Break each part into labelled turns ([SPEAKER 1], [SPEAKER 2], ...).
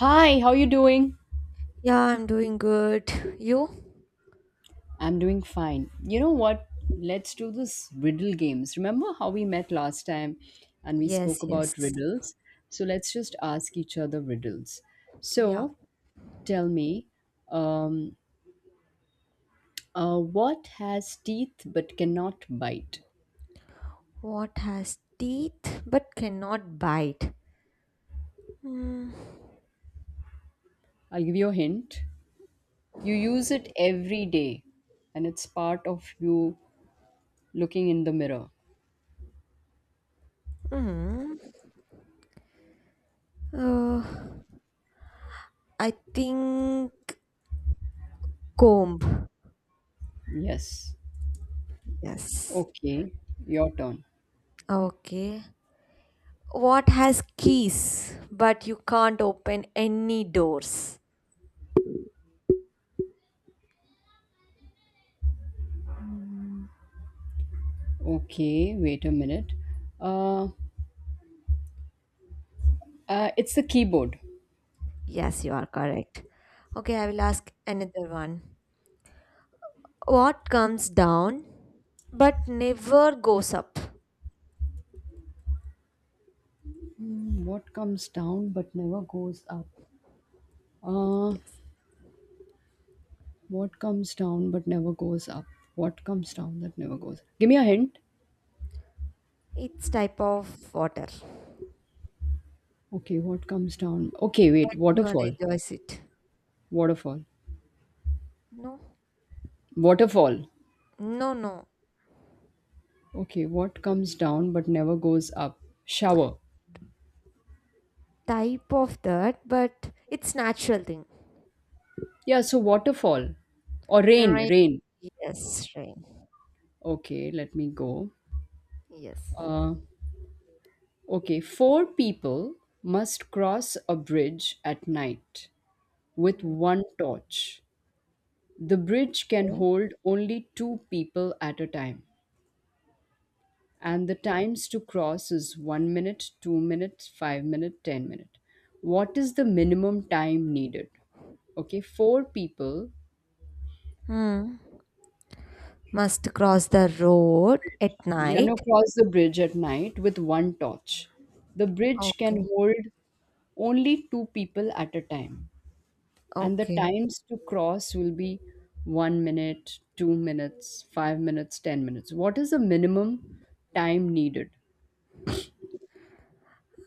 [SPEAKER 1] Hi, how you doing?
[SPEAKER 2] Yeah, I'm doing good. You?
[SPEAKER 1] I'm doing fine. You know what? Let's do this riddle games. Remember how we met last time and we
[SPEAKER 2] Yes,
[SPEAKER 1] spoke about
[SPEAKER 2] yes.
[SPEAKER 1] riddles? So let's just ask each other riddles.
[SPEAKER 2] Yeah.
[SPEAKER 1] So tell me, um, what has teeth but cannot bite?
[SPEAKER 2] What has teeth but cannot bite? Hmm.
[SPEAKER 1] I'll give you a hint. You use it every day and it's part of you looking in the mirror.
[SPEAKER 2] Hmm. Uh, I think comb.
[SPEAKER 1] Yes.
[SPEAKER 2] Yes.
[SPEAKER 1] Okay, your turn.
[SPEAKER 2] Okay. What has keys but you can't open any doors?
[SPEAKER 1] Okay, wait a minute. Uh, it's the keyboard.
[SPEAKER 2] Yes, you are correct. Okay, I will ask another one. What comes down but never goes up?
[SPEAKER 1] Hmm, what comes down but never goes up? Uh,
[SPEAKER 2] Yes.
[SPEAKER 1] what comes down but never goes up? What comes down that never goes? Give me a hint.
[SPEAKER 2] It's type of water.
[SPEAKER 1] Okay, what comes down? Okay, wait.
[SPEAKER 2] Everyone
[SPEAKER 1] Waterfall.
[SPEAKER 2] enjoys it.
[SPEAKER 1] Waterfall.
[SPEAKER 2] No,
[SPEAKER 1] Waterfall.
[SPEAKER 2] no, no.
[SPEAKER 1] Okay, what comes down but never goes up? Shower.
[SPEAKER 2] Type of that, but it's natural thing.
[SPEAKER 1] Yeah, so waterfall or rain.
[SPEAKER 2] Right.
[SPEAKER 1] Rain.
[SPEAKER 2] Yes, rain.
[SPEAKER 1] Okay, let me go.
[SPEAKER 2] Yes.
[SPEAKER 1] Uh, okay, four people must cross a bridge at night, with one torch. The bridge can
[SPEAKER 2] Okay.
[SPEAKER 1] hold only two people at a time, and the times to cross is 1 minute, 2 minutes, 5 minute, 10 minute. What is the minimum time needed? Okay, four people,
[SPEAKER 2] Hmm. Must cross the road at night.
[SPEAKER 1] cross the bridge at night with one torch. The bridge
[SPEAKER 2] Okay.
[SPEAKER 1] can hold only two people at a time, and the
[SPEAKER 2] Okay.
[SPEAKER 1] times to cross will be 1 minute, 2 minutes, 5 minutes, 10 minutes. What is the minimum time needed?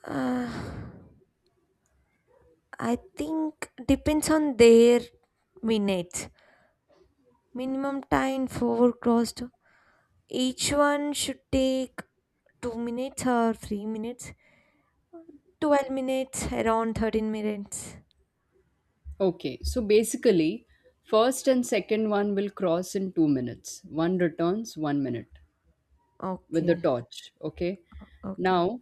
[SPEAKER 2] Uh, I think depends on their minutes. Minimum time for crossed. Each one should take 2 minutes or 3 minutes. 12 minutes, around 13 minutes.
[SPEAKER 1] Okay, so basically, first and second one will cross in 2 minutes. One returns 1 minute with the
[SPEAKER 2] Okay,
[SPEAKER 1] torch. Okay,
[SPEAKER 2] okay,
[SPEAKER 1] now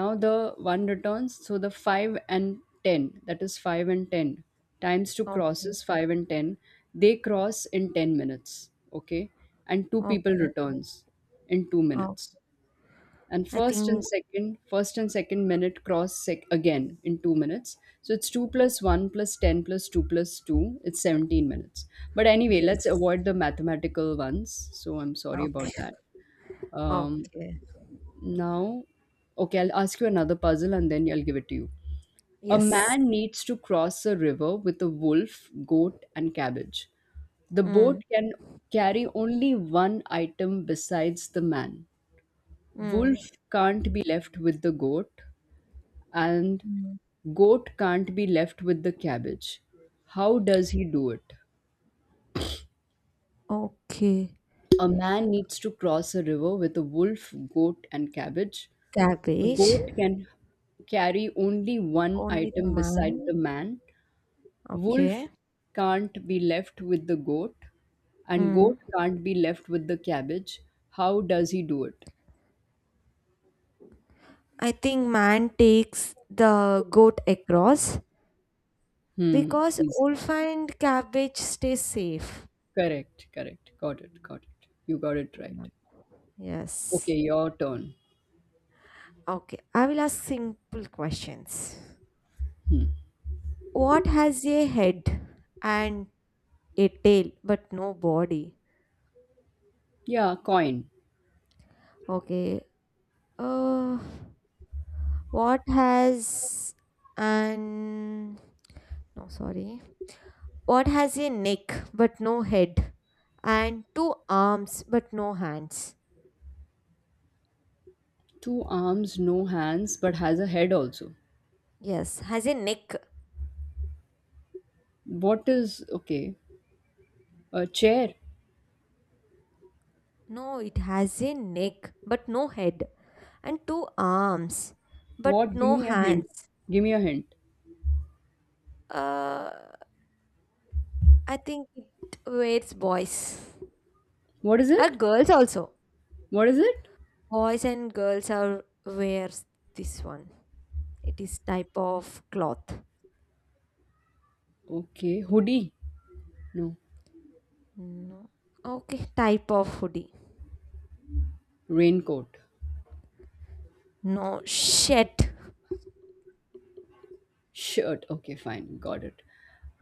[SPEAKER 1] now the 1 returns, so the 5 and 10, that is, 5 and 10 times 2
[SPEAKER 2] okay,
[SPEAKER 1] crosses. 5 and 10, they cross in 10 minutes. Okay, and two people
[SPEAKER 2] okay.
[SPEAKER 1] returns in 2
[SPEAKER 2] Oh,
[SPEAKER 1] minutes. And
[SPEAKER 2] I
[SPEAKER 1] first and
[SPEAKER 2] think
[SPEAKER 1] second first and second minute cross again in 2 minutes. So it's 2 plus 1 plus 10 plus 2 plus 2. It's 17 minutes. But anyway, let's
[SPEAKER 2] yes.
[SPEAKER 1] avoid the mathematical ones, so I'm sorry about
[SPEAKER 2] Okay,
[SPEAKER 1] that. um,
[SPEAKER 2] okay.
[SPEAKER 1] Now, okay, I'll ask you another puzzle and then I'll give it to you. A
[SPEAKER 2] Yes.
[SPEAKER 1] man needs to cross a river with a wolf, goat, and cabbage. The boat
[SPEAKER 2] Mm,
[SPEAKER 1] can carry only one item besides the man. Wolf
[SPEAKER 2] mm,
[SPEAKER 1] can't be left with the goat, and
[SPEAKER 2] mm.
[SPEAKER 1] goat can't be left with the cabbage. How does he do it?
[SPEAKER 2] Okay.
[SPEAKER 1] A man needs to cross a river with a wolf, goat, and cabbage. The
[SPEAKER 2] Cabbage.
[SPEAKER 1] boat can carry only one
[SPEAKER 2] Only the
[SPEAKER 1] item beside the
[SPEAKER 2] man.
[SPEAKER 1] man.
[SPEAKER 2] Okay.
[SPEAKER 1] Wolf can't be left with the goat, and
[SPEAKER 2] Mm.
[SPEAKER 1] goat can't be left with the cabbage. How does he do it?
[SPEAKER 2] I think man takes the goat across
[SPEAKER 1] Hmm,
[SPEAKER 2] because
[SPEAKER 1] easy.
[SPEAKER 2] wolf and cabbage stay safe.
[SPEAKER 1] Correct, correct. Got it, got it. You got it
[SPEAKER 2] Yeah.
[SPEAKER 1] right. Okay,
[SPEAKER 2] Yes.
[SPEAKER 1] your turn.
[SPEAKER 2] Okay. I will ask simple questions. What has a head and a tail but no body?
[SPEAKER 1] Yeah, coin.
[SPEAKER 2] Okay. Uh, what has an. No, sorry. What has a neck but no head and two arms but no hands?
[SPEAKER 1] Two arms, no hands, but has a head also.
[SPEAKER 2] Yes, has a neck.
[SPEAKER 1] What is, okay, a chair.
[SPEAKER 2] No, it has a neck but no head and two arms but
[SPEAKER 1] What? Give
[SPEAKER 2] no
[SPEAKER 1] me a hint.
[SPEAKER 2] hands.
[SPEAKER 1] Give me a hint.
[SPEAKER 2] Uh, I think it wears boys
[SPEAKER 1] What is
[SPEAKER 2] or
[SPEAKER 1] it?
[SPEAKER 2] girls also.
[SPEAKER 1] What is it?
[SPEAKER 2] Boys and girls are wears this one. It is type of cloth.
[SPEAKER 1] Okay, hoodie? No,
[SPEAKER 2] No. Okay, type of hoodie.
[SPEAKER 1] raincoat.
[SPEAKER 2] No shit.
[SPEAKER 1] Shirt. Okay, fine. Got it.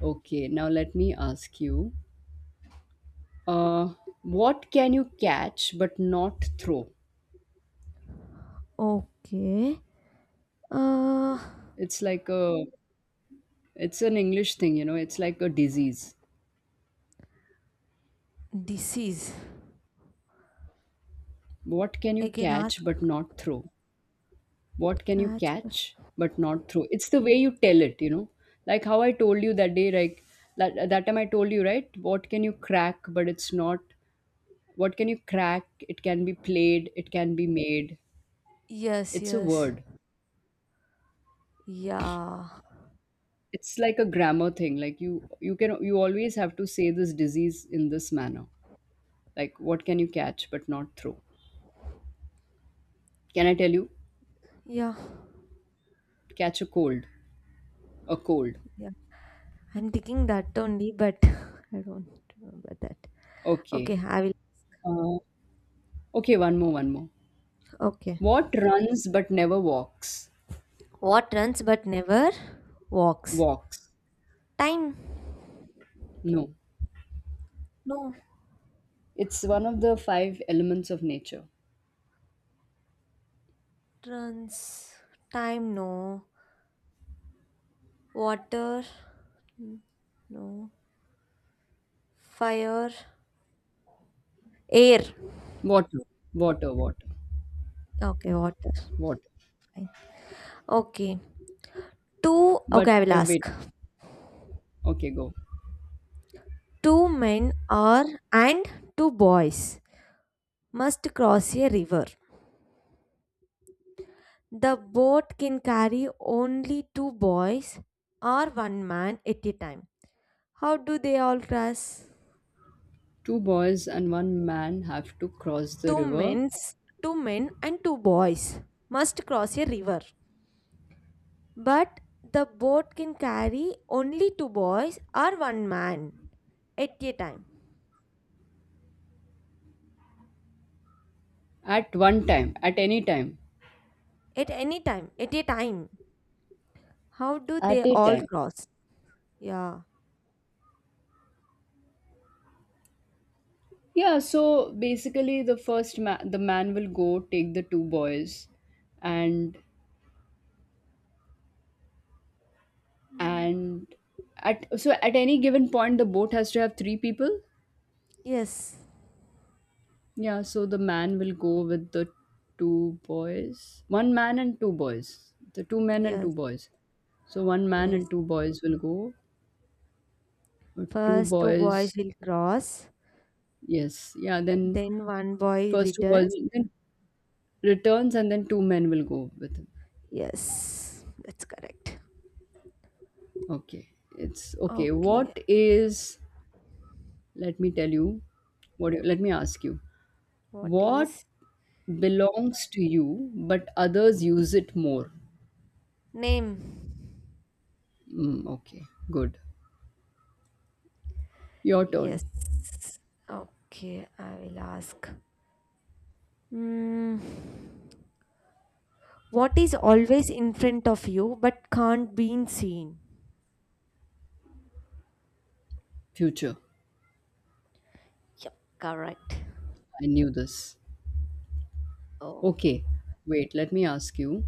[SPEAKER 1] Okay, now let me ask you. Uh, what can you catch but not throw?
[SPEAKER 2] Okay. Uh
[SPEAKER 1] It's like a, it's an English thing, you know, it's like a disease.
[SPEAKER 2] this is
[SPEAKER 1] What can you
[SPEAKER 2] again ask
[SPEAKER 1] catch but not throw? What can you
[SPEAKER 2] catch.
[SPEAKER 1] catch but not throw? It's the way you tell it, you know. Like how I told you that day, like that time I told you, right? What can you crack but it's not what can you crack, it can be played, it can be made,
[SPEAKER 2] Yes,
[SPEAKER 1] it's a
[SPEAKER 2] yes.
[SPEAKER 1] word.
[SPEAKER 2] Yeah.
[SPEAKER 1] It's like a grammar thing. Like, you can, you always have to say this disease in this manner, like what can you catch but not throw. Can I tell you?
[SPEAKER 2] Yeah.
[SPEAKER 1] Catch a cold. A cold.
[SPEAKER 2] Yeah. I'm thinking that only, but I don't remember that.
[SPEAKER 1] Okay.
[SPEAKER 2] Okay, I will
[SPEAKER 1] uh, okay, one more.
[SPEAKER 2] okay.
[SPEAKER 1] What runs but never walks?
[SPEAKER 2] What runs but never walks?
[SPEAKER 1] Walks.
[SPEAKER 2] Time.
[SPEAKER 1] No,
[SPEAKER 2] No.
[SPEAKER 1] it's one of the five elements of nature.
[SPEAKER 2] Trans. Time, no. Water. Mm, no. Fire. Air.
[SPEAKER 1] Water, water, water,
[SPEAKER 2] Okay, water.
[SPEAKER 1] water.
[SPEAKER 2] Fine. Okay, two. Okay,
[SPEAKER 1] But
[SPEAKER 2] I will ask.
[SPEAKER 1] wait. Okay, go.
[SPEAKER 2] Two men are and two boys must cross a river. The boat can carry only two boys or one man at a time. How do they all cross?
[SPEAKER 1] Two boys and one man have to cross the
[SPEAKER 2] Two
[SPEAKER 1] river
[SPEAKER 2] men's, two men and two boys must cross a river. But the boat can carry only two boys or one man at a time.
[SPEAKER 1] at one time, at any time,
[SPEAKER 2] At any time. At a time. How do
[SPEAKER 1] at
[SPEAKER 2] they
[SPEAKER 1] a
[SPEAKER 2] all
[SPEAKER 1] time.
[SPEAKER 2] cross? Yeah.
[SPEAKER 1] Yeah. So basically the first man, the man will go, take the two boys, and
[SPEAKER 2] Hmm.
[SPEAKER 1] and at, so at any given point the boat has to have three people.
[SPEAKER 2] Yes.
[SPEAKER 1] Yeah, so the man will go with the two boys, one man and two boys, the two men and
[SPEAKER 2] Yes.
[SPEAKER 1] two boys. So one man and
[SPEAKER 2] Yes.
[SPEAKER 1] two boys will go. Two
[SPEAKER 2] First two boys
[SPEAKER 1] boys,
[SPEAKER 2] will cross.
[SPEAKER 1] yes, yeah. Then,
[SPEAKER 2] Then one boy
[SPEAKER 1] first of all,
[SPEAKER 2] returns.
[SPEAKER 1] then returns, and then two men will go with him.
[SPEAKER 2] Yes. That's correct.
[SPEAKER 1] Okay, it's okay.
[SPEAKER 2] Okay.
[SPEAKER 1] What is? Let me tell you. What? Let me ask you.
[SPEAKER 2] What
[SPEAKER 1] What
[SPEAKER 2] is
[SPEAKER 1] belongs to you, but others use it more?
[SPEAKER 2] name?
[SPEAKER 1] Mm, okay, good. Your turn.
[SPEAKER 2] Yes. Okay. I will ask. Hmm. What is always in front of you but can't be seen?
[SPEAKER 1] Future.
[SPEAKER 2] Yep, correct.
[SPEAKER 1] I knew this.
[SPEAKER 2] Oh.
[SPEAKER 1] Okay, wait. Let me ask you.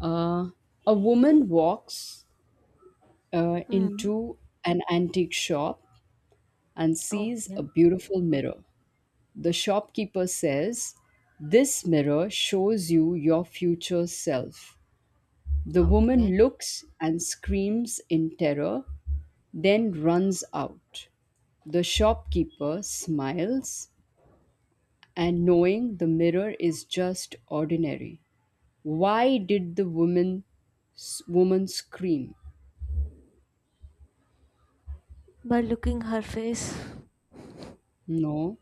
[SPEAKER 1] Uh, a woman walks
[SPEAKER 2] Hmm.
[SPEAKER 1] into an antique shop and sees a
[SPEAKER 2] Okay.
[SPEAKER 1] beautiful mirror. The shopkeeper says, "This mirror shows you your future self." The
[SPEAKER 2] Okay.
[SPEAKER 1] woman looks and screams in terror, then runs out. The shopkeeper smiles, and knowing the mirror is just ordinary. Why did the woman scream?
[SPEAKER 2] By looking her face.
[SPEAKER 1] No,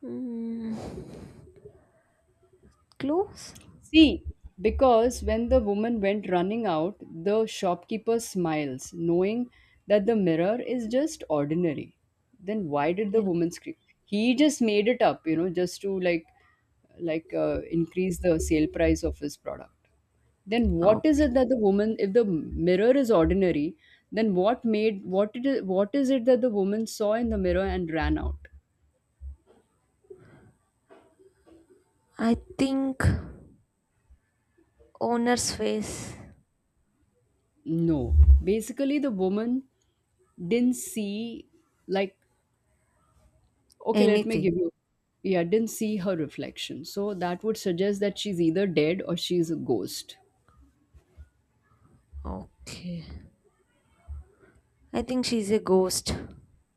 [SPEAKER 2] Hmm. Close.
[SPEAKER 1] see, because when the woman went running out, the shopkeeper smiles, knowing that the mirror is just ordinary. Then why did the
[SPEAKER 2] Yeah.
[SPEAKER 1] woman scream? He just made it up, you know, just to like increase the sale price of his product. Then what
[SPEAKER 2] Oh,
[SPEAKER 1] is it that the woman, if the mirror is ordinary, then what made what it is what is it that the woman saw in the mirror and ran out?
[SPEAKER 2] I think owner's face.
[SPEAKER 1] No, basically the woman didn't see, like okay, let me give
[SPEAKER 2] Anything.
[SPEAKER 1] you. Yeah, didn't see her reflection. So that would suggest that she's either dead or she's a ghost.
[SPEAKER 2] Okay. I think she's a ghost.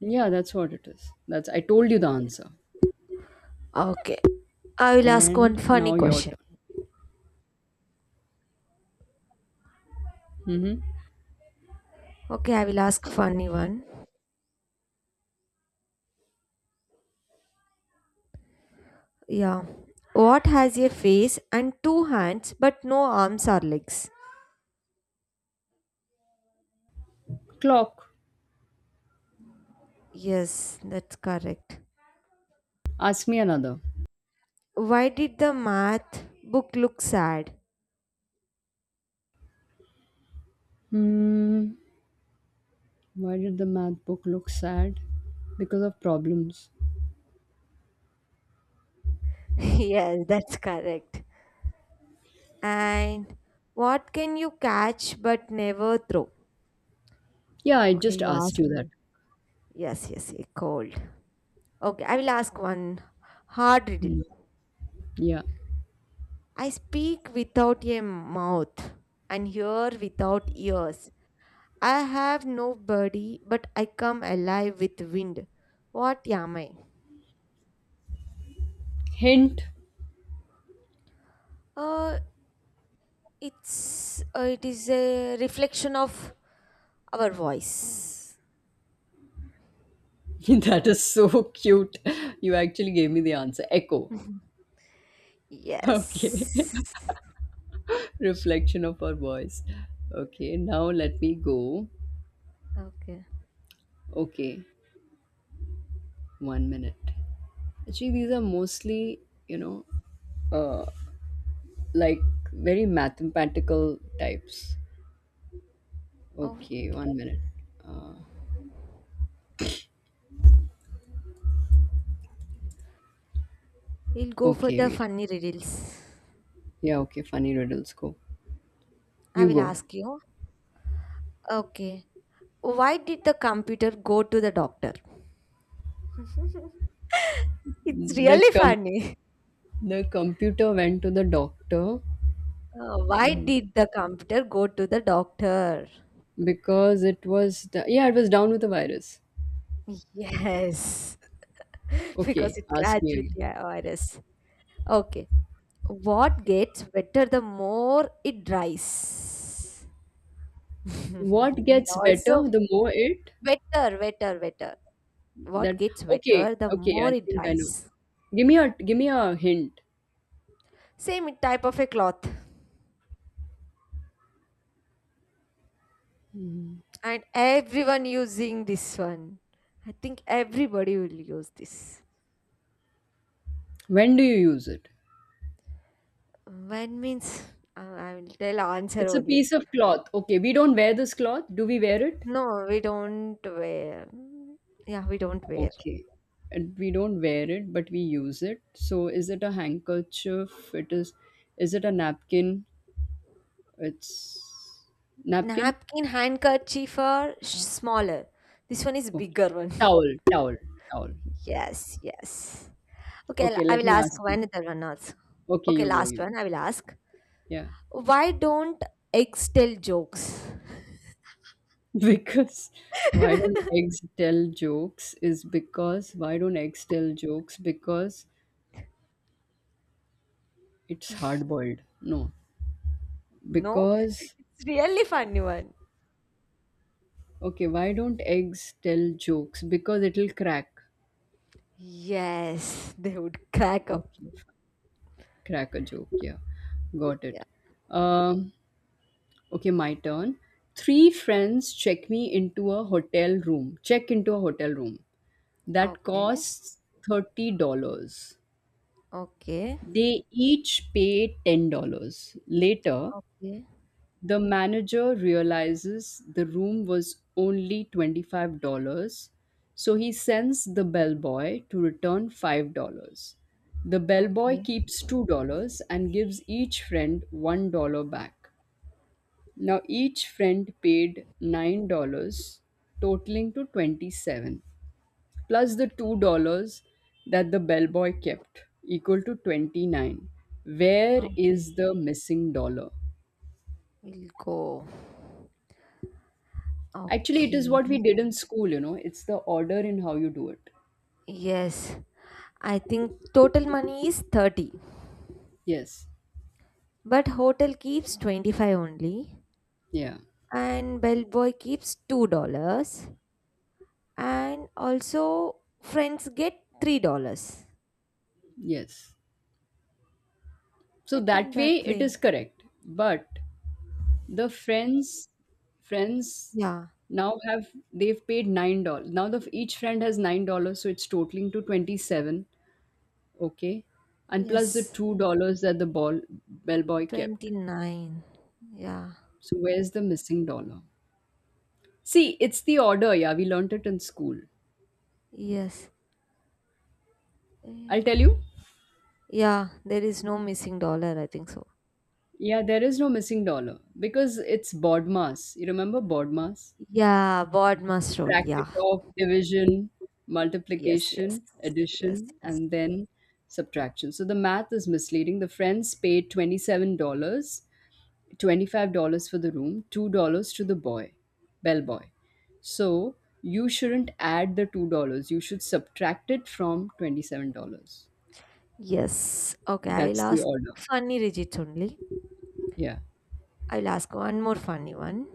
[SPEAKER 1] Yeah, that's what it is. That's, I told you the answer.
[SPEAKER 2] Okay. I will ask one
[SPEAKER 1] And
[SPEAKER 2] funny
[SPEAKER 1] now your
[SPEAKER 2] question.
[SPEAKER 1] turn. Mm-hmm.
[SPEAKER 2] Okay, I will ask funny one. Yeah. What has a face and two hands but no arms or legs?
[SPEAKER 1] Clock.
[SPEAKER 2] Yes, that's correct.
[SPEAKER 1] Ask me another.
[SPEAKER 2] Why did the math book look sad?
[SPEAKER 1] Hmm. Why did the math book look sad? Because of problems.
[SPEAKER 2] Yes, that's correct. And what can you catch but never throw?
[SPEAKER 1] Yeah, I
[SPEAKER 2] Okay,
[SPEAKER 1] just
[SPEAKER 2] you
[SPEAKER 1] asked you
[SPEAKER 2] asked
[SPEAKER 1] that.
[SPEAKER 2] me. Yes, yes, a cold. Okay, I will ask one hard riddle.
[SPEAKER 1] Hmm. Yeah.
[SPEAKER 2] I speak without a mouth and hear without ears. I have no body, but I come alive with wind. What am I?
[SPEAKER 1] Hint.
[SPEAKER 2] Uh, it is a reflection of our voice.
[SPEAKER 1] That is so cute. You actually gave me the answer. Echo. Okay.
[SPEAKER 2] Yes.
[SPEAKER 1] Reflection of our voice. Okay, now let me go.
[SPEAKER 2] Okay.
[SPEAKER 1] Okay, one minute. Actually, these are mostly, you know, uh, like very mathematical types.
[SPEAKER 2] Oh,
[SPEAKER 1] Okay, one minute.
[SPEAKER 2] we'll go for
[SPEAKER 1] Okay,
[SPEAKER 2] the
[SPEAKER 1] wait.
[SPEAKER 2] funny riddles.
[SPEAKER 1] Yeah, okay, funny riddles. Go.
[SPEAKER 2] I
[SPEAKER 1] You
[SPEAKER 2] will
[SPEAKER 1] go.
[SPEAKER 2] ask you. Okay. Why did the computer go to the doctor? It's
[SPEAKER 1] The
[SPEAKER 2] really
[SPEAKER 1] com-
[SPEAKER 2] funny.
[SPEAKER 1] the computer went to the doctor
[SPEAKER 2] Why did the computer go to the doctor?
[SPEAKER 1] because it was yeah, it was down with the virus.
[SPEAKER 2] Yes, because
[SPEAKER 1] Okay,
[SPEAKER 2] it
[SPEAKER 1] ask me
[SPEAKER 2] catches
[SPEAKER 1] again.
[SPEAKER 2] the virus. Okay. What gets wetter the more it dries?
[SPEAKER 1] What
[SPEAKER 2] It
[SPEAKER 1] gets
[SPEAKER 2] also
[SPEAKER 1] better the more it.
[SPEAKER 2] wetter, wetter, wetter. What
[SPEAKER 1] That
[SPEAKER 2] gets
[SPEAKER 1] Okay,
[SPEAKER 2] wetter, the
[SPEAKER 1] okay,
[SPEAKER 2] more
[SPEAKER 1] I
[SPEAKER 2] it
[SPEAKER 1] think I know.
[SPEAKER 2] dries.
[SPEAKER 1] Give me a hint.
[SPEAKER 2] Same type of a cloth, and everyone using this one. I think everybody will use this.
[SPEAKER 1] When do you use it?
[SPEAKER 2] When means I will tell answer
[SPEAKER 1] It's a
[SPEAKER 2] only.
[SPEAKER 1] piece of cloth. Okay, we don't wear this cloth. Do we wear it?
[SPEAKER 2] No, we don't wear. Yeah, we don't wear.
[SPEAKER 1] Okay. And we don't wear it, but we use it. So is it a handkerchief? It Is it a napkin? It's napkin?
[SPEAKER 2] Napkin, handkerchief are smaller. This one is
[SPEAKER 1] Okay.
[SPEAKER 2] bigger one.
[SPEAKER 1] Towel, towel, towel.
[SPEAKER 2] Yes, yes. Okay,
[SPEAKER 1] Okay,
[SPEAKER 2] I
[SPEAKER 1] let
[SPEAKER 2] will
[SPEAKER 1] me
[SPEAKER 2] ask
[SPEAKER 1] ask you.
[SPEAKER 2] one other one also.
[SPEAKER 1] Okay,
[SPEAKER 2] Okay,
[SPEAKER 1] you go,
[SPEAKER 2] last
[SPEAKER 1] you.
[SPEAKER 2] one I will ask.
[SPEAKER 1] Yeah.
[SPEAKER 2] Why don't eggs tell jokes?
[SPEAKER 1] Because why don't eggs tell jokes is because why don't eggs tell jokes, because it's hard boiled. No,
[SPEAKER 2] No,
[SPEAKER 1] because,
[SPEAKER 2] it's really funny one.
[SPEAKER 1] okay, why don't eggs tell jokes? Because it'll crack.
[SPEAKER 2] Yes, they would crack up.
[SPEAKER 1] Okay, fine. Crack a joke. Yeah, got
[SPEAKER 2] Yeah.
[SPEAKER 1] it. um okay, my turn. Three friends check into a hotel room that
[SPEAKER 2] Okay.
[SPEAKER 1] costs $30.
[SPEAKER 2] Okay.
[SPEAKER 1] They each pay $10. Later,
[SPEAKER 2] Okay.
[SPEAKER 1] the manager realizes the room was only $25, so he sends the bellboy to return $5. The bellboy
[SPEAKER 2] Okay.
[SPEAKER 1] keeps $2 and gives each friend $1 back. Now each friend paid $9, totaling to 27, plus the $2 that the bellboy kept, equal to 29. Where
[SPEAKER 2] Okay.
[SPEAKER 1] is the missing dollar?
[SPEAKER 2] We'll go.
[SPEAKER 1] Actually, it is
[SPEAKER 2] Okay.
[SPEAKER 1] what we did in school, you know, it's the order in how you do it.
[SPEAKER 2] Yes. I think total money is 30.
[SPEAKER 1] Yes.
[SPEAKER 2] But hotel keeps 25 only.
[SPEAKER 1] Yeah.
[SPEAKER 2] And bellboy keeps $2. And also friends get $3.
[SPEAKER 1] Yes. So
[SPEAKER 2] I think
[SPEAKER 1] that way
[SPEAKER 2] that
[SPEAKER 1] it is
[SPEAKER 2] way.
[SPEAKER 1] correct. But the friends
[SPEAKER 2] Yeah.
[SPEAKER 1] now have they've paid $9. Now the each friend has $9, so it's totaling to 27. Okay. And plus the
[SPEAKER 2] Yes.
[SPEAKER 1] $2 that the ball bellboy kept.
[SPEAKER 2] 29. Yeah.
[SPEAKER 1] So where's the missing dollar? See, it's the order, yeah. We learnt it in school.
[SPEAKER 2] Yes.
[SPEAKER 1] I'll tell
[SPEAKER 2] Eh.
[SPEAKER 1] you.
[SPEAKER 2] Yeah. There is no missing dollar, I think so.
[SPEAKER 1] Yeah, there is no missing dollar because it's Bodmas. You remember Bodmas?
[SPEAKER 2] Yeah. Board must roll.
[SPEAKER 1] Bracket
[SPEAKER 2] Yeah.
[SPEAKER 1] of division,
[SPEAKER 2] Yes. Yes.
[SPEAKER 1] multiplication,
[SPEAKER 2] Yes.
[SPEAKER 1] addition,
[SPEAKER 2] Yes.
[SPEAKER 1] and then subtraction. So the math is misleading. The friends paid $27, dollars, $25 for the room, $2 to the bellboy. So you shouldn't add the $2. You should subtract it from $27.
[SPEAKER 2] Yes. Okay. I'll
[SPEAKER 1] That's the
[SPEAKER 2] ask
[SPEAKER 1] order.
[SPEAKER 2] funny digits only.
[SPEAKER 1] Yeah.
[SPEAKER 2] I'll ask one more funny one.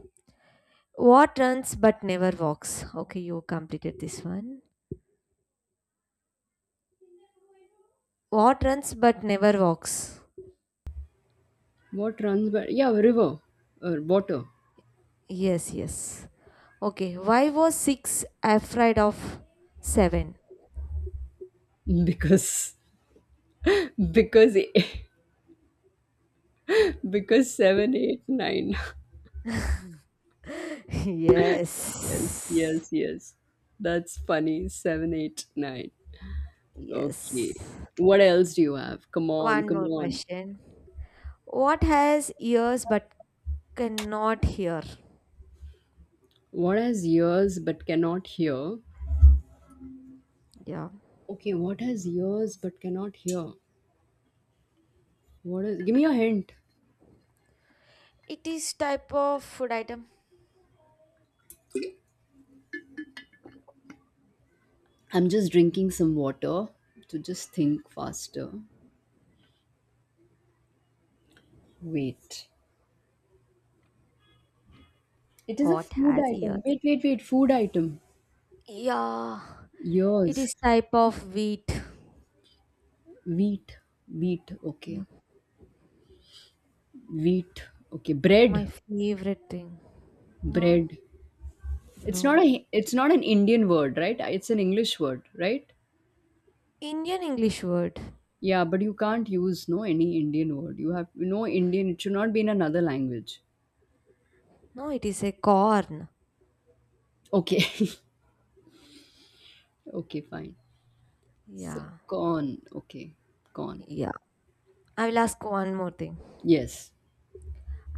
[SPEAKER 2] What runs but never walks? Okay. You completed this one. What runs but never walks?
[SPEAKER 1] What runs by? Yeah, river or water.
[SPEAKER 2] Yes. Yes. Okay. Why was six afraid of seven?
[SPEAKER 1] because because, because 7, 8, 9.
[SPEAKER 2] Yes.
[SPEAKER 1] Yes, yes, yes, that's funny. 7, 8, 9.
[SPEAKER 2] Yes.
[SPEAKER 1] Okay, what else do you have? Come on,
[SPEAKER 2] One
[SPEAKER 1] come
[SPEAKER 2] more
[SPEAKER 1] on.
[SPEAKER 2] question. What has ears but cannot hear?
[SPEAKER 1] What has ears but cannot hear?
[SPEAKER 2] Yeah.
[SPEAKER 1] Okay, what has ears but cannot hear? What is Give me a hint.
[SPEAKER 2] It is type of food item.
[SPEAKER 1] I'm just drinking some water to just think faster. Wait. It is a
[SPEAKER 2] What
[SPEAKER 1] food
[SPEAKER 2] has
[SPEAKER 1] item.
[SPEAKER 2] ears?
[SPEAKER 1] Wait, wait, wait. Food item.
[SPEAKER 2] Yeah, it
[SPEAKER 1] Ears.
[SPEAKER 2] is type of wheat.
[SPEAKER 1] Wheat. Wheat, okay.
[SPEAKER 2] Yeah,
[SPEAKER 1] Wheat, okay. Bread.
[SPEAKER 2] my favorite thing. No,
[SPEAKER 1] Bread.
[SPEAKER 2] no.
[SPEAKER 1] It's not an Indian word, right? It's an English word, right?
[SPEAKER 2] Indian English word.
[SPEAKER 1] Yeah, but you can't use no any Indian word. You have no Indian. It should not be in another language.
[SPEAKER 2] No, it is a corn.
[SPEAKER 1] Okay. Okay, fine. So,
[SPEAKER 2] Yeah,
[SPEAKER 1] corn. Okay, corn.
[SPEAKER 2] yeah. I will ask one more thing.
[SPEAKER 1] Yes.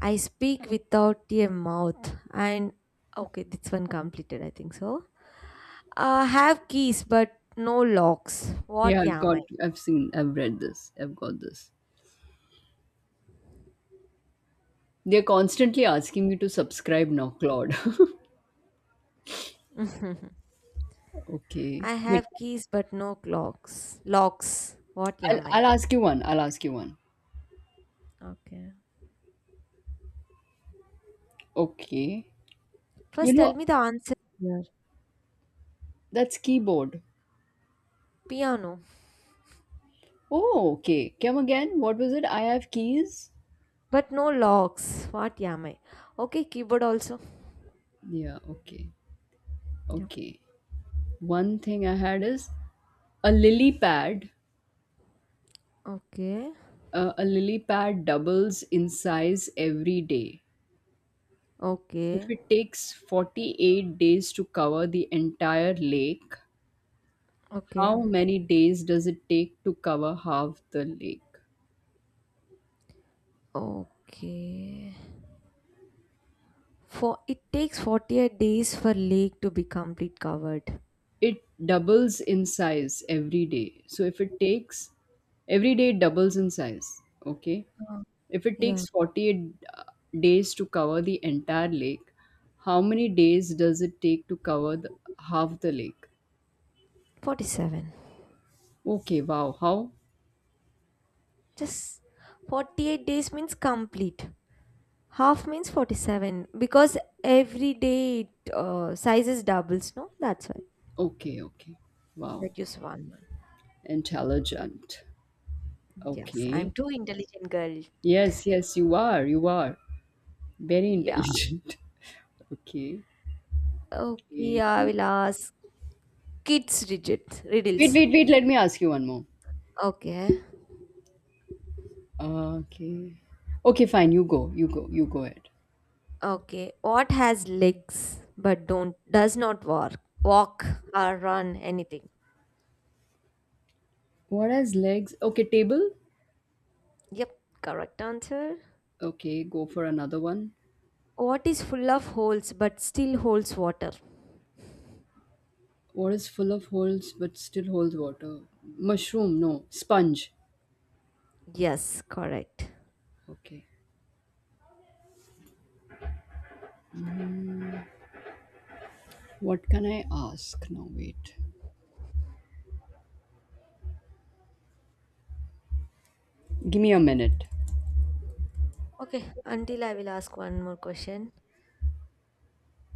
[SPEAKER 2] I speak without a mouth and, okay, this one completed, I think so. I have keys but no locks.
[SPEAKER 1] Yeah,
[SPEAKER 2] What am I?
[SPEAKER 1] I've seen, I've read this. I've got this. They're constantly asking me to subscribe now, Claude. Okay,
[SPEAKER 2] I
[SPEAKER 1] wait.
[SPEAKER 2] have keys but no clocks. Locks. What
[SPEAKER 1] I'll,
[SPEAKER 2] am I?
[SPEAKER 1] I'll ask you one.
[SPEAKER 2] Okay.
[SPEAKER 1] Okay. You
[SPEAKER 2] First tell
[SPEAKER 1] know.
[SPEAKER 2] me the answer here.
[SPEAKER 1] That's keyboard.
[SPEAKER 2] Piano.
[SPEAKER 1] Oh, okay. Come again. What was it? I have keys.
[SPEAKER 2] But no locks. What am I? Okay, keyboard also.
[SPEAKER 1] Yeah, okay.
[SPEAKER 2] Yeah.
[SPEAKER 1] Okay. One thing I had is a lily pad.
[SPEAKER 2] Okay.
[SPEAKER 1] A lily pad doubles in size every day. If
[SPEAKER 2] Okay.
[SPEAKER 1] it takes 48 days to cover the entire lake,
[SPEAKER 2] Okay.
[SPEAKER 1] how many days does it take to cover half the lake?
[SPEAKER 2] Okay. For it takes 48 days for lake to be complete covered.
[SPEAKER 1] It doubles in size every day. So if it takes Every day it doubles in size. Okay. If it
[SPEAKER 2] Yeah,
[SPEAKER 1] takes 48 days to cover the entire lake, how many days does it take to cover half the lake?
[SPEAKER 2] 47.
[SPEAKER 1] Okay, wow. How?
[SPEAKER 2] Just 48 days means complete. Half means 47 because every day it sizes doubles, no? That's why.
[SPEAKER 1] Okay, okay. Wow.
[SPEAKER 2] Reduce one month.
[SPEAKER 1] Intelligent.
[SPEAKER 2] Yes, I'm
[SPEAKER 1] Okay.
[SPEAKER 2] too intelligent girl.
[SPEAKER 1] Yes, yes, you are. You are. Very
[SPEAKER 2] Yeah.
[SPEAKER 1] intelligent. Okay. okay
[SPEAKER 2] Okay, I
[SPEAKER 1] one-
[SPEAKER 2] will ask kids rigid
[SPEAKER 1] Wait,
[SPEAKER 2] riddles.
[SPEAKER 1] wait, wait. Let me ask you one more.
[SPEAKER 2] Okay.
[SPEAKER 1] Okay. Okay, fine. You go. You go. You go ahead.
[SPEAKER 2] Okay. What has legs but don't does not walk or run anything?
[SPEAKER 1] What has legs? Okay, table.
[SPEAKER 2] Yep, correct answer.
[SPEAKER 1] Okay, go for another one.
[SPEAKER 2] What is full of holes but still holds water?
[SPEAKER 1] What is full of holes but still holds water? Mushroom, no. Sponge.
[SPEAKER 2] Yes, correct.
[SPEAKER 1] Okay. What can I ask now? Wait. Give me a minute.
[SPEAKER 2] Okay, until I will ask one more question.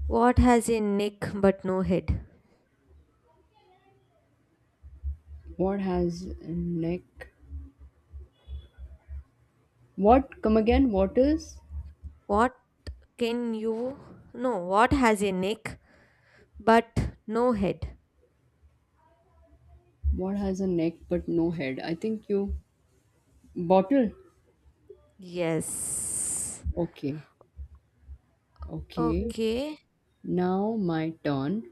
[SPEAKER 2] What has a neck but no head?
[SPEAKER 1] What has a neck? What? Come again? What is?
[SPEAKER 2] What can you. No, what has a neck but no head?
[SPEAKER 1] What has a neck but no head? I think you. Bottle?
[SPEAKER 2] Yes.
[SPEAKER 1] Okay. Okay.
[SPEAKER 2] Okay.
[SPEAKER 1] Now my turn.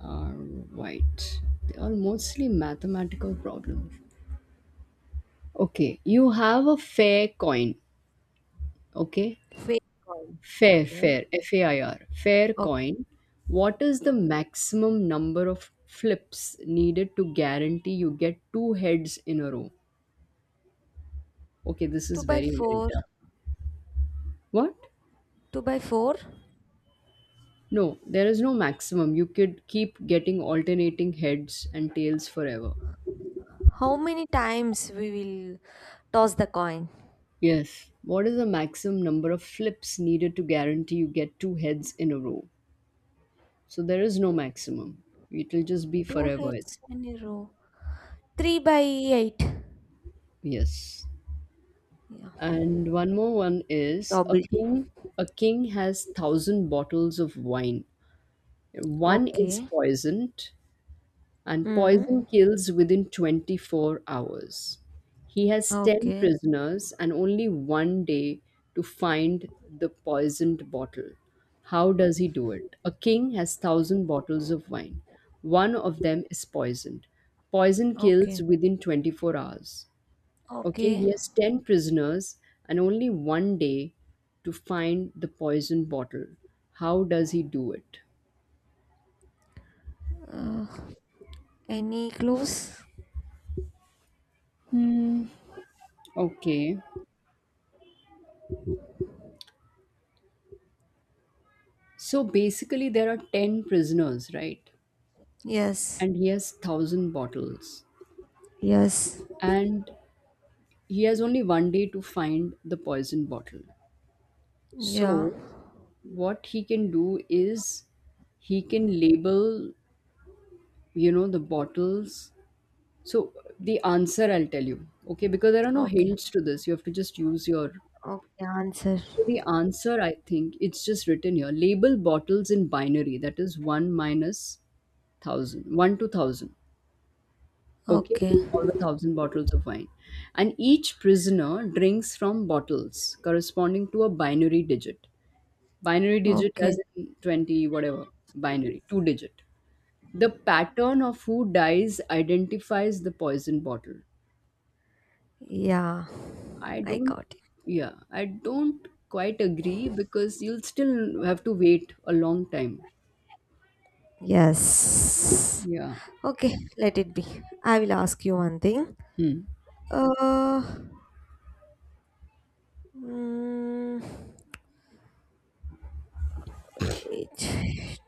[SPEAKER 1] Alright. They are mostly mathematical problems. Okay. You have a fair coin. Okay.
[SPEAKER 2] Fake coin.
[SPEAKER 1] Fair,
[SPEAKER 2] Okay.
[SPEAKER 1] fair, FAIR, fair
[SPEAKER 2] Okay.
[SPEAKER 1] coin. What is the maximum number of flips needed to guarantee you get two heads in a row? Okay, this
[SPEAKER 2] Two
[SPEAKER 1] is
[SPEAKER 2] by
[SPEAKER 1] very, very
[SPEAKER 2] four.
[SPEAKER 1] tough. What?
[SPEAKER 2] Two by four.
[SPEAKER 1] No, there is no maximum. You could keep getting alternating heads and tails forever.
[SPEAKER 2] How many times we will toss the coin?
[SPEAKER 1] Yes. What is the maximum number of flips needed to guarantee you get two heads in a row? So there is no maximum. It will just be
[SPEAKER 2] Two
[SPEAKER 1] forever. It's
[SPEAKER 2] heads in a row. Three by eight.
[SPEAKER 1] Yes.
[SPEAKER 2] Yeah.
[SPEAKER 1] And one more. One is a
[SPEAKER 2] Probably.
[SPEAKER 1] king. A king has 1,000 bottles of wine. One is
[SPEAKER 2] Okay.
[SPEAKER 1] poisoned, and
[SPEAKER 2] Hmm.
[SPEAKER 1] poison kills within 24 hours. He has ten
[SPEAKER 2] Okay,
[SPEAKER 1] prisoners and only one day to find the poisoned bottle. How does he do it? A king has thousand bottles of wine. One of them is poisoned. Poison kills
[SPEAKER 2] okay,
[SPEAKER 1] within 24 hours. Okay, he
[SPEAKER 2] okay.
[SPEAKER 1] has 10 prisoners and only one day to find the poison bottle. How does he do it?
[SPEAKER 2] Uh, any clues?
[SPEAKER 1] Hmm. Okay. So basically, there are 10 prisoners, right?
[SPEAKER 2] Yes,
[SPEAKER 1] And he has 1,000 bottles.
[SPEAKER 2] yes,
[SPEAKER 1] And he has only one day to find the poison bottle.
[SPEAKER 2] yeah.
[SPEAKER 1] So, what he can do is he can label, you know, the bottles. So the answer I'll tell you, okay, because there are no
[SPEAKER 2] Okay,
[SPEAKER 1] hints to this. You have to just use your.
[SPEAKER 2] okay, answer.
[SPEAKER 1] So the answer, I think, it's just written here. Label bottles in binary. That is one minus thousand, one to thousand. Okay,
[SPEAKER 2] Okay,
[SPEAKER 1] all the 1,000 bottles of wine, and each prisoner drinks from bottles corresponding to a binary digit. Binary digit
[SPEAKER 2] okay,
[SPEAKER 1] as in twenty whatever, binary two digit. The pattern of who dies identifies the poison bottle.
[SPEAKER 2] yeah.
[SPEAKER 1] I
[SPEAKER 2] I
[SPEAKER 1] don't,
[SPEAKER 2] got it.
[SPEAKER 1] yeah, I don't quite agree because you'll still have to wait a long time.
[SPEAKER 2] Yes.
[SPEAKER 1] Yeah.
[SPEAKER 2] Okay, let it be. I will ask you one thing.
[SPEAKER 1] Hmm.
[SPEAKER 2] Uh, mm, wait.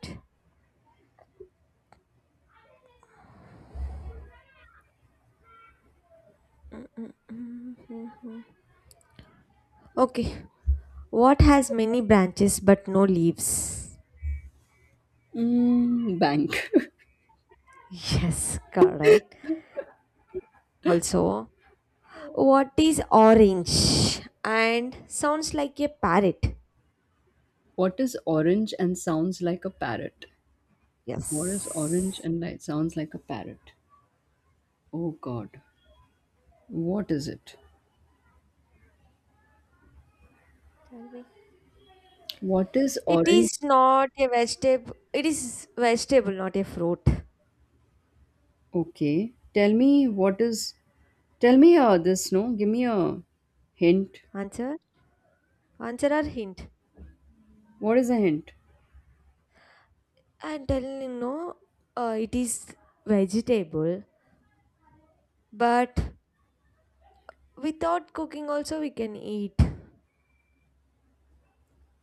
[SPEAKER 2] Mhm. Okay, what has many branches but no leaves?
[SPEAKER 1] Mm, bank.
[SPEAKER 2] Yes, correct. Also, what is orange and sounds like a parrot?
[SPEAKER 1] What is orange and sounds like a parrot? What is orange
[SPEAKER 2] Yes.
[SPEAKER 1] and like sounds like a parrot? Oh God. What is it?
[SPEAKER 2] Tell me.
[SPEAKER 1] What is
[SPEAKER 2] It is
[SPEAKER 1] orange?
[SPEAKER 2] not a vegetable. It is vegetable, not a fruit.
[SPEAKER 1] Okay. Tell me what is. Tell me this, no? Give me a hint.
[SPEAKER 2] Answer, answer or hint?
[SPEAKER 1] What is a hint?
[SPEAKER 2] I'm telling you, no. It is vegetable but without cooking also we can eat.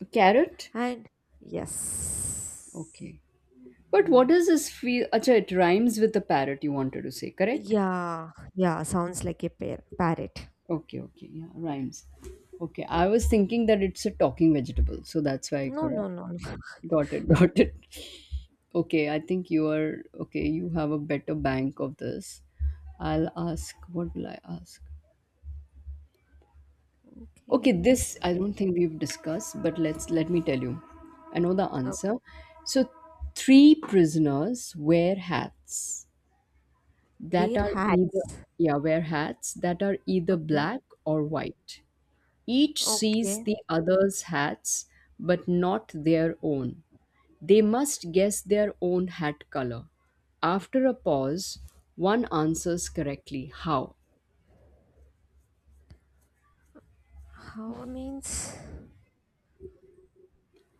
[SPEAKER 1] A carrot?
[SPEAKER 2] And yes.
[SPEAKER 1] Okay. But what does this feel? Acha, it rhymes with the parrot you wanted to say, correct?
[SPEAKER 2] Yeah, yeah, sounds like a parrot.
[SPEAKER 1] Okay, okay, yeah, rhymes. Okay, I was thinking that it's a talking vegetable, so that's why I
[SPEAKER 2] No,
[SPEAKER 1] couldn't.
[SPEAKER 2] no, no, no.
[SPEAKER 1] Got it, got it. Okay, I think you are okay. You have a better bank of this. I'll ask. What will I ask? Okay,
[SPEAKER 2] Okay.
[SPEAKER 1] this I don't think we've discussed, but let me tell you. I know the answer. So, three prisoners wear hats that
[SPEAKER 2] Wear
[SPEAKER 1] are either,
[SPEAKER 2] hats.
[SPEAKER 1] yeah, wear hats that are either
[SPEAKER 2] Okay.
[SPEAKER 1] black or white. Each sees
[SPEAKER 2] Okay.
[SPEAKER 1] the other's hats, but not their own. They must guess their own hat color. After a pause, one answers correctly. How?
[SPEAKER 2] How means?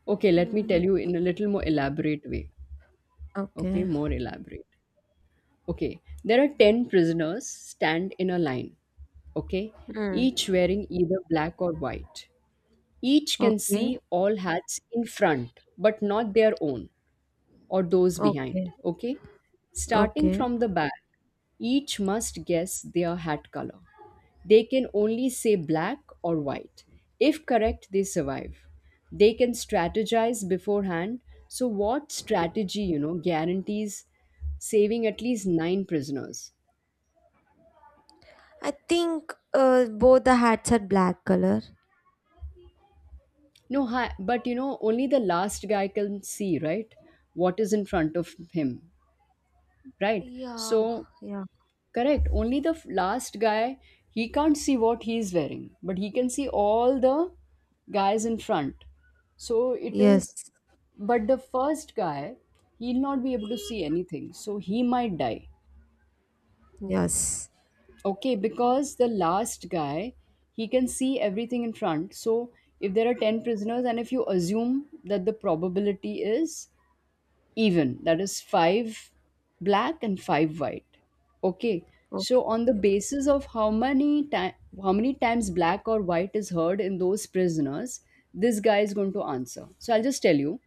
[SPEAKER 1] Okay, let me
[SPEAKER 2] Mm,
[SPEAKER 1] tell you in a little more elaborate way. Okay,
[SPEAKER 2] okay.
[SPEAKER 1] more elaborate. Okay, there are 10 prisoners stand in a line. Okay. Each
[SPEAKER 2] Mm,
[SPEAKER 1] wearing either black or white. Each can see
[SPEAKER 2] okay.
[SPEAKER 1] all hats in front, but not their own or those behind.
[SPEAKER 2] Okay.
[SPEAKER 1] Okay? Starting
[SPEAKER 2] Okay.
[SPEAKER 1] from the back, each must guess their hat color. They can only say black or white. If correct, they survive. They can strategize beforehand. So, what strategy, guarantees saving at least nine prisoners?
[SPEAKER 2] I think both the hats are black color.
[SPEAKER 1] No, hi, but only the last guy can see, right? What is in front of him, right?
[SPEAKER 2] Yeah.
[SPEAKER 1] So,
[SPEAKER 2] Yeah.
[SPEAKER 1] correct. Only the last guy, he can't see what he's wearing, but he can see all the guys in front. So it is,
[SPEAKER 2] Yes.
[SPEAKER 1] but the first guy, he'll not be able to see anything. So he might die.
[SPEAKER 2] Yes.
[SPEAKER 1] Okay, because the last guy, he can see everything in front. So if there are 10 prisoners, and if you assume that the probability is even, that is five black and five white. Okay.
[SPEAKER 2] Okay.
[SPEAKER 1] So on the basis of how many times black or white is heard in those prisoners, this guy is going to answer. So I'll just tell you.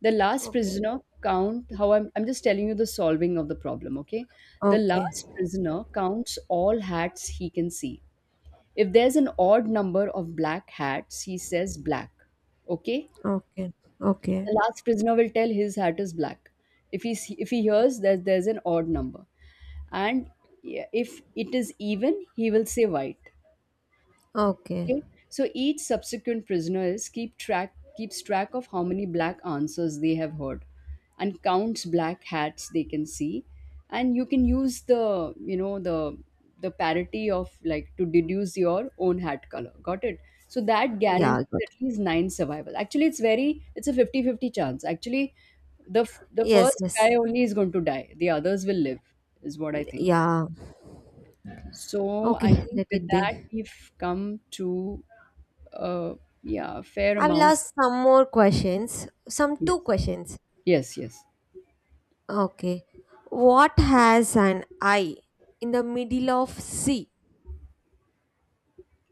[SPEAKER 1] The last
[SPEAKER 2] Okay.
[SPEAKER 1] prisoner count how. I'm just telling you the solving of the problem. Okay. The
[SPEAKER 2] Okay.
[SPEAKER 1] last prisoner counts all hats he can see. If there's an odd number of black hats, he says black. Okay.
[SPEAKER 2] Okay. Okay.
[SPEAKER 1] The last prisoner will tell his hat is black. If he hears that there's an odd number, and yeah, if it is even, he will say white.
[SPEAKER 2] Okay.
[SPEAKER 1] Okay, so each subsequent prisoner is keeps track of how many black answers they have heard, and counts black hats they can see, and you can use the you know the parity of, like, to deduce your own hat color. Got it? So that
[SPEAKER 2] Yeah.
[SPEAKER 1] guarantees
[SPEAKER 2] Good.
[SPEAKER 1] at least nine survival. Actually, it's a 50-50 chance. Actually, the the
[SPEAKER 2] Yes.
[SPEAKER 1] first guy
[SPEAKER 2] Yes.
[SPEAKER 1] only is going to die. The others will live, is what I think.
[SPEAKER 2] Yeah.
[SPEAKER 1] So I
[SPEAKER 2] Okay.
[SPEAKER 1] think
[SPEAKER 2] Let
[SPEAKER 1] with
[SPEAKER 2] it
[SPEAKER 1] that
[SPEAKER 2] be.
[SPEAKER 1] we've come to uh, yeah, fair
[SPEAKER 2] I will
[SPEAKER 1] amount.
[SPEAKER 2] ask some more questions. Some
[SPEAKER 1] Yes,
[SPEAKER 2] two questions.
[SPEAKER 1] yes, yes.
[SPEAKER 2] Okay. What has an I in the middle of C?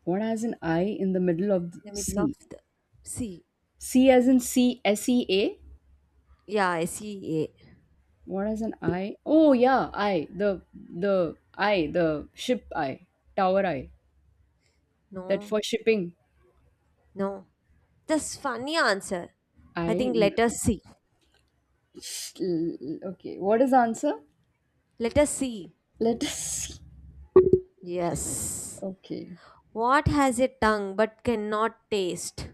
[SPEAKER 1] What has an I in the middle of the
[SPEAKER 2] The middle of
[SPEAKER 1] C?
[SPEAKER 2] the C.
[SPEAKER 1] C as in C S E A.
[SPEAKER 2] Yeah, C A.
[SPEAKER 1] What has an I? Oh yeah, I the I, the ship I, tower I, that
[SPEAKER 2] No,
[SPEAKER 1] for shipping.
[SPEAKER 2] no. That's funny answer.
[SPEAKER 1] I
[SPEAKER 2] I think
[SPEAKER 1] in
[SPEAKER 2] letter
[SPEAKER 1] the
[SPEAKER 2] C.
[SPEAKER 1] okay. What is the answer?
[SPEAKER 2] Letter C.
[SPEAKER 1] Let us see.
[SPEAKER 2] Yes.
[SPEAKER 1] Okay.
[SPEAKER 2] What has a tongue but cannot taste?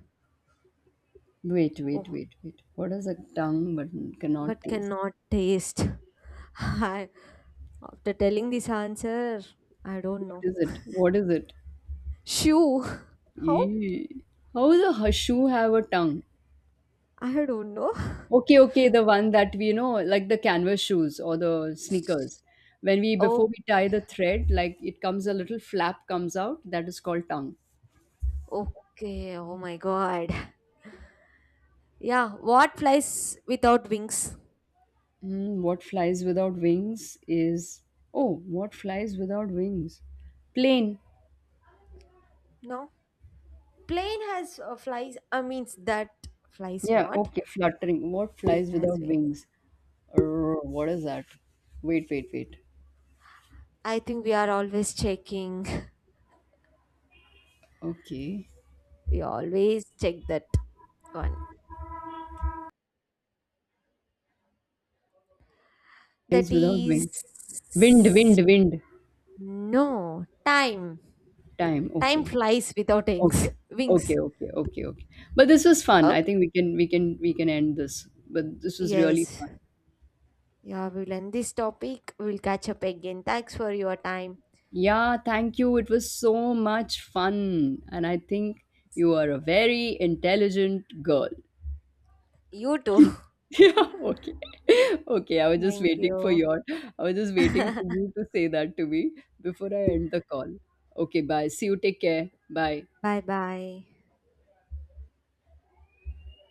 [SPEAKER 1] Wait, wait,
[SPEAKER 2] Oh,
[SPEAKER 1] wait, wait. What is a tongue but cannot
[SPEAKER 2] but
[SPEAKER 1] taste?
[SPEAKER 2] cannot taste. I, after telling this answer, I don't
[SPEAKER 1] What
[SPEAKER 2] know.
[SPEAKER 1] is it? What is it?
[SPEAKER 2] Shoe. How?
[SPEAKER 1] Eee. How does a hashu have a tongue?
[SPEAKER 2] I don't know.
[SPEAKER 1] Okay, okay, the one that we, like the canvas shoes or the sneakers. Before
[SPEAKER 2] Okay.
[SPEAKER 1] we tie the thread, like, it comes a little flap comes out. That is called tongue.
[SPEAKER 2] Okay, oh my god. Yeah, what flies without wings?
[SPEAKER 1] Mm, what flies without wings is, oh, what flies without wings? Plane.
[SPEAKER 2] No. Plane has flies, I mean, that flies
[SPEAKER 1] Yeah,
[SPEAKER 2] not.
[SPEAKER 1] okay, fluttering. What
[SPEAKER 2] It
[SPEAKER 1] flies without
[SPEAKER 2] has wings.
[SPEAKER 1] wings? What is that? Wait, wait, wait.
[SPEAKER 2] I think we are always checking.
[SPEAKER 1] Okay.
[SPEAKER 2] We always check that one. That
[SPEAKER 1] Flies without
[SPEAKER 2] is.
[SPEAKER 1] wing. Wind, wind, wind.
[SPEAKER 2] No, time.
[SPEAKER 1] Time.
[SPEAKER 2] Time
[SPEAKER 1] Okay.
[SPEAKER 2] flies without
[SPEAKER 1] Okay.
[SPEAKER 2] wings. Wings.
[SPEAKER 1] Okay, okay, okay, okay. But this was fun. I
[SPEAKER 2] Okay.
[SPEAKER 1] think we can end this. But this was really
[SPEAKER 2] Yes.
[SPEAKER 1] fun.
[SPEAKER 2] Yeah, we'll end this topic. We'll catch up again. Thanks for your time.
[SPEAKER 1] Yeah, thank you. It was so much fun. And I think you are a very intelligent girl.
[SPEAKER 2] You too.
[SPEAKER 1] Yeah, okay. Okay,
[SPEAKER 2] Thank you.
[SPEAKER 1] I was just waiting for you to say that to me before I end the call. Okay, bye. See you. Take care. Bye.
[SPEAKER 2] Bye bye.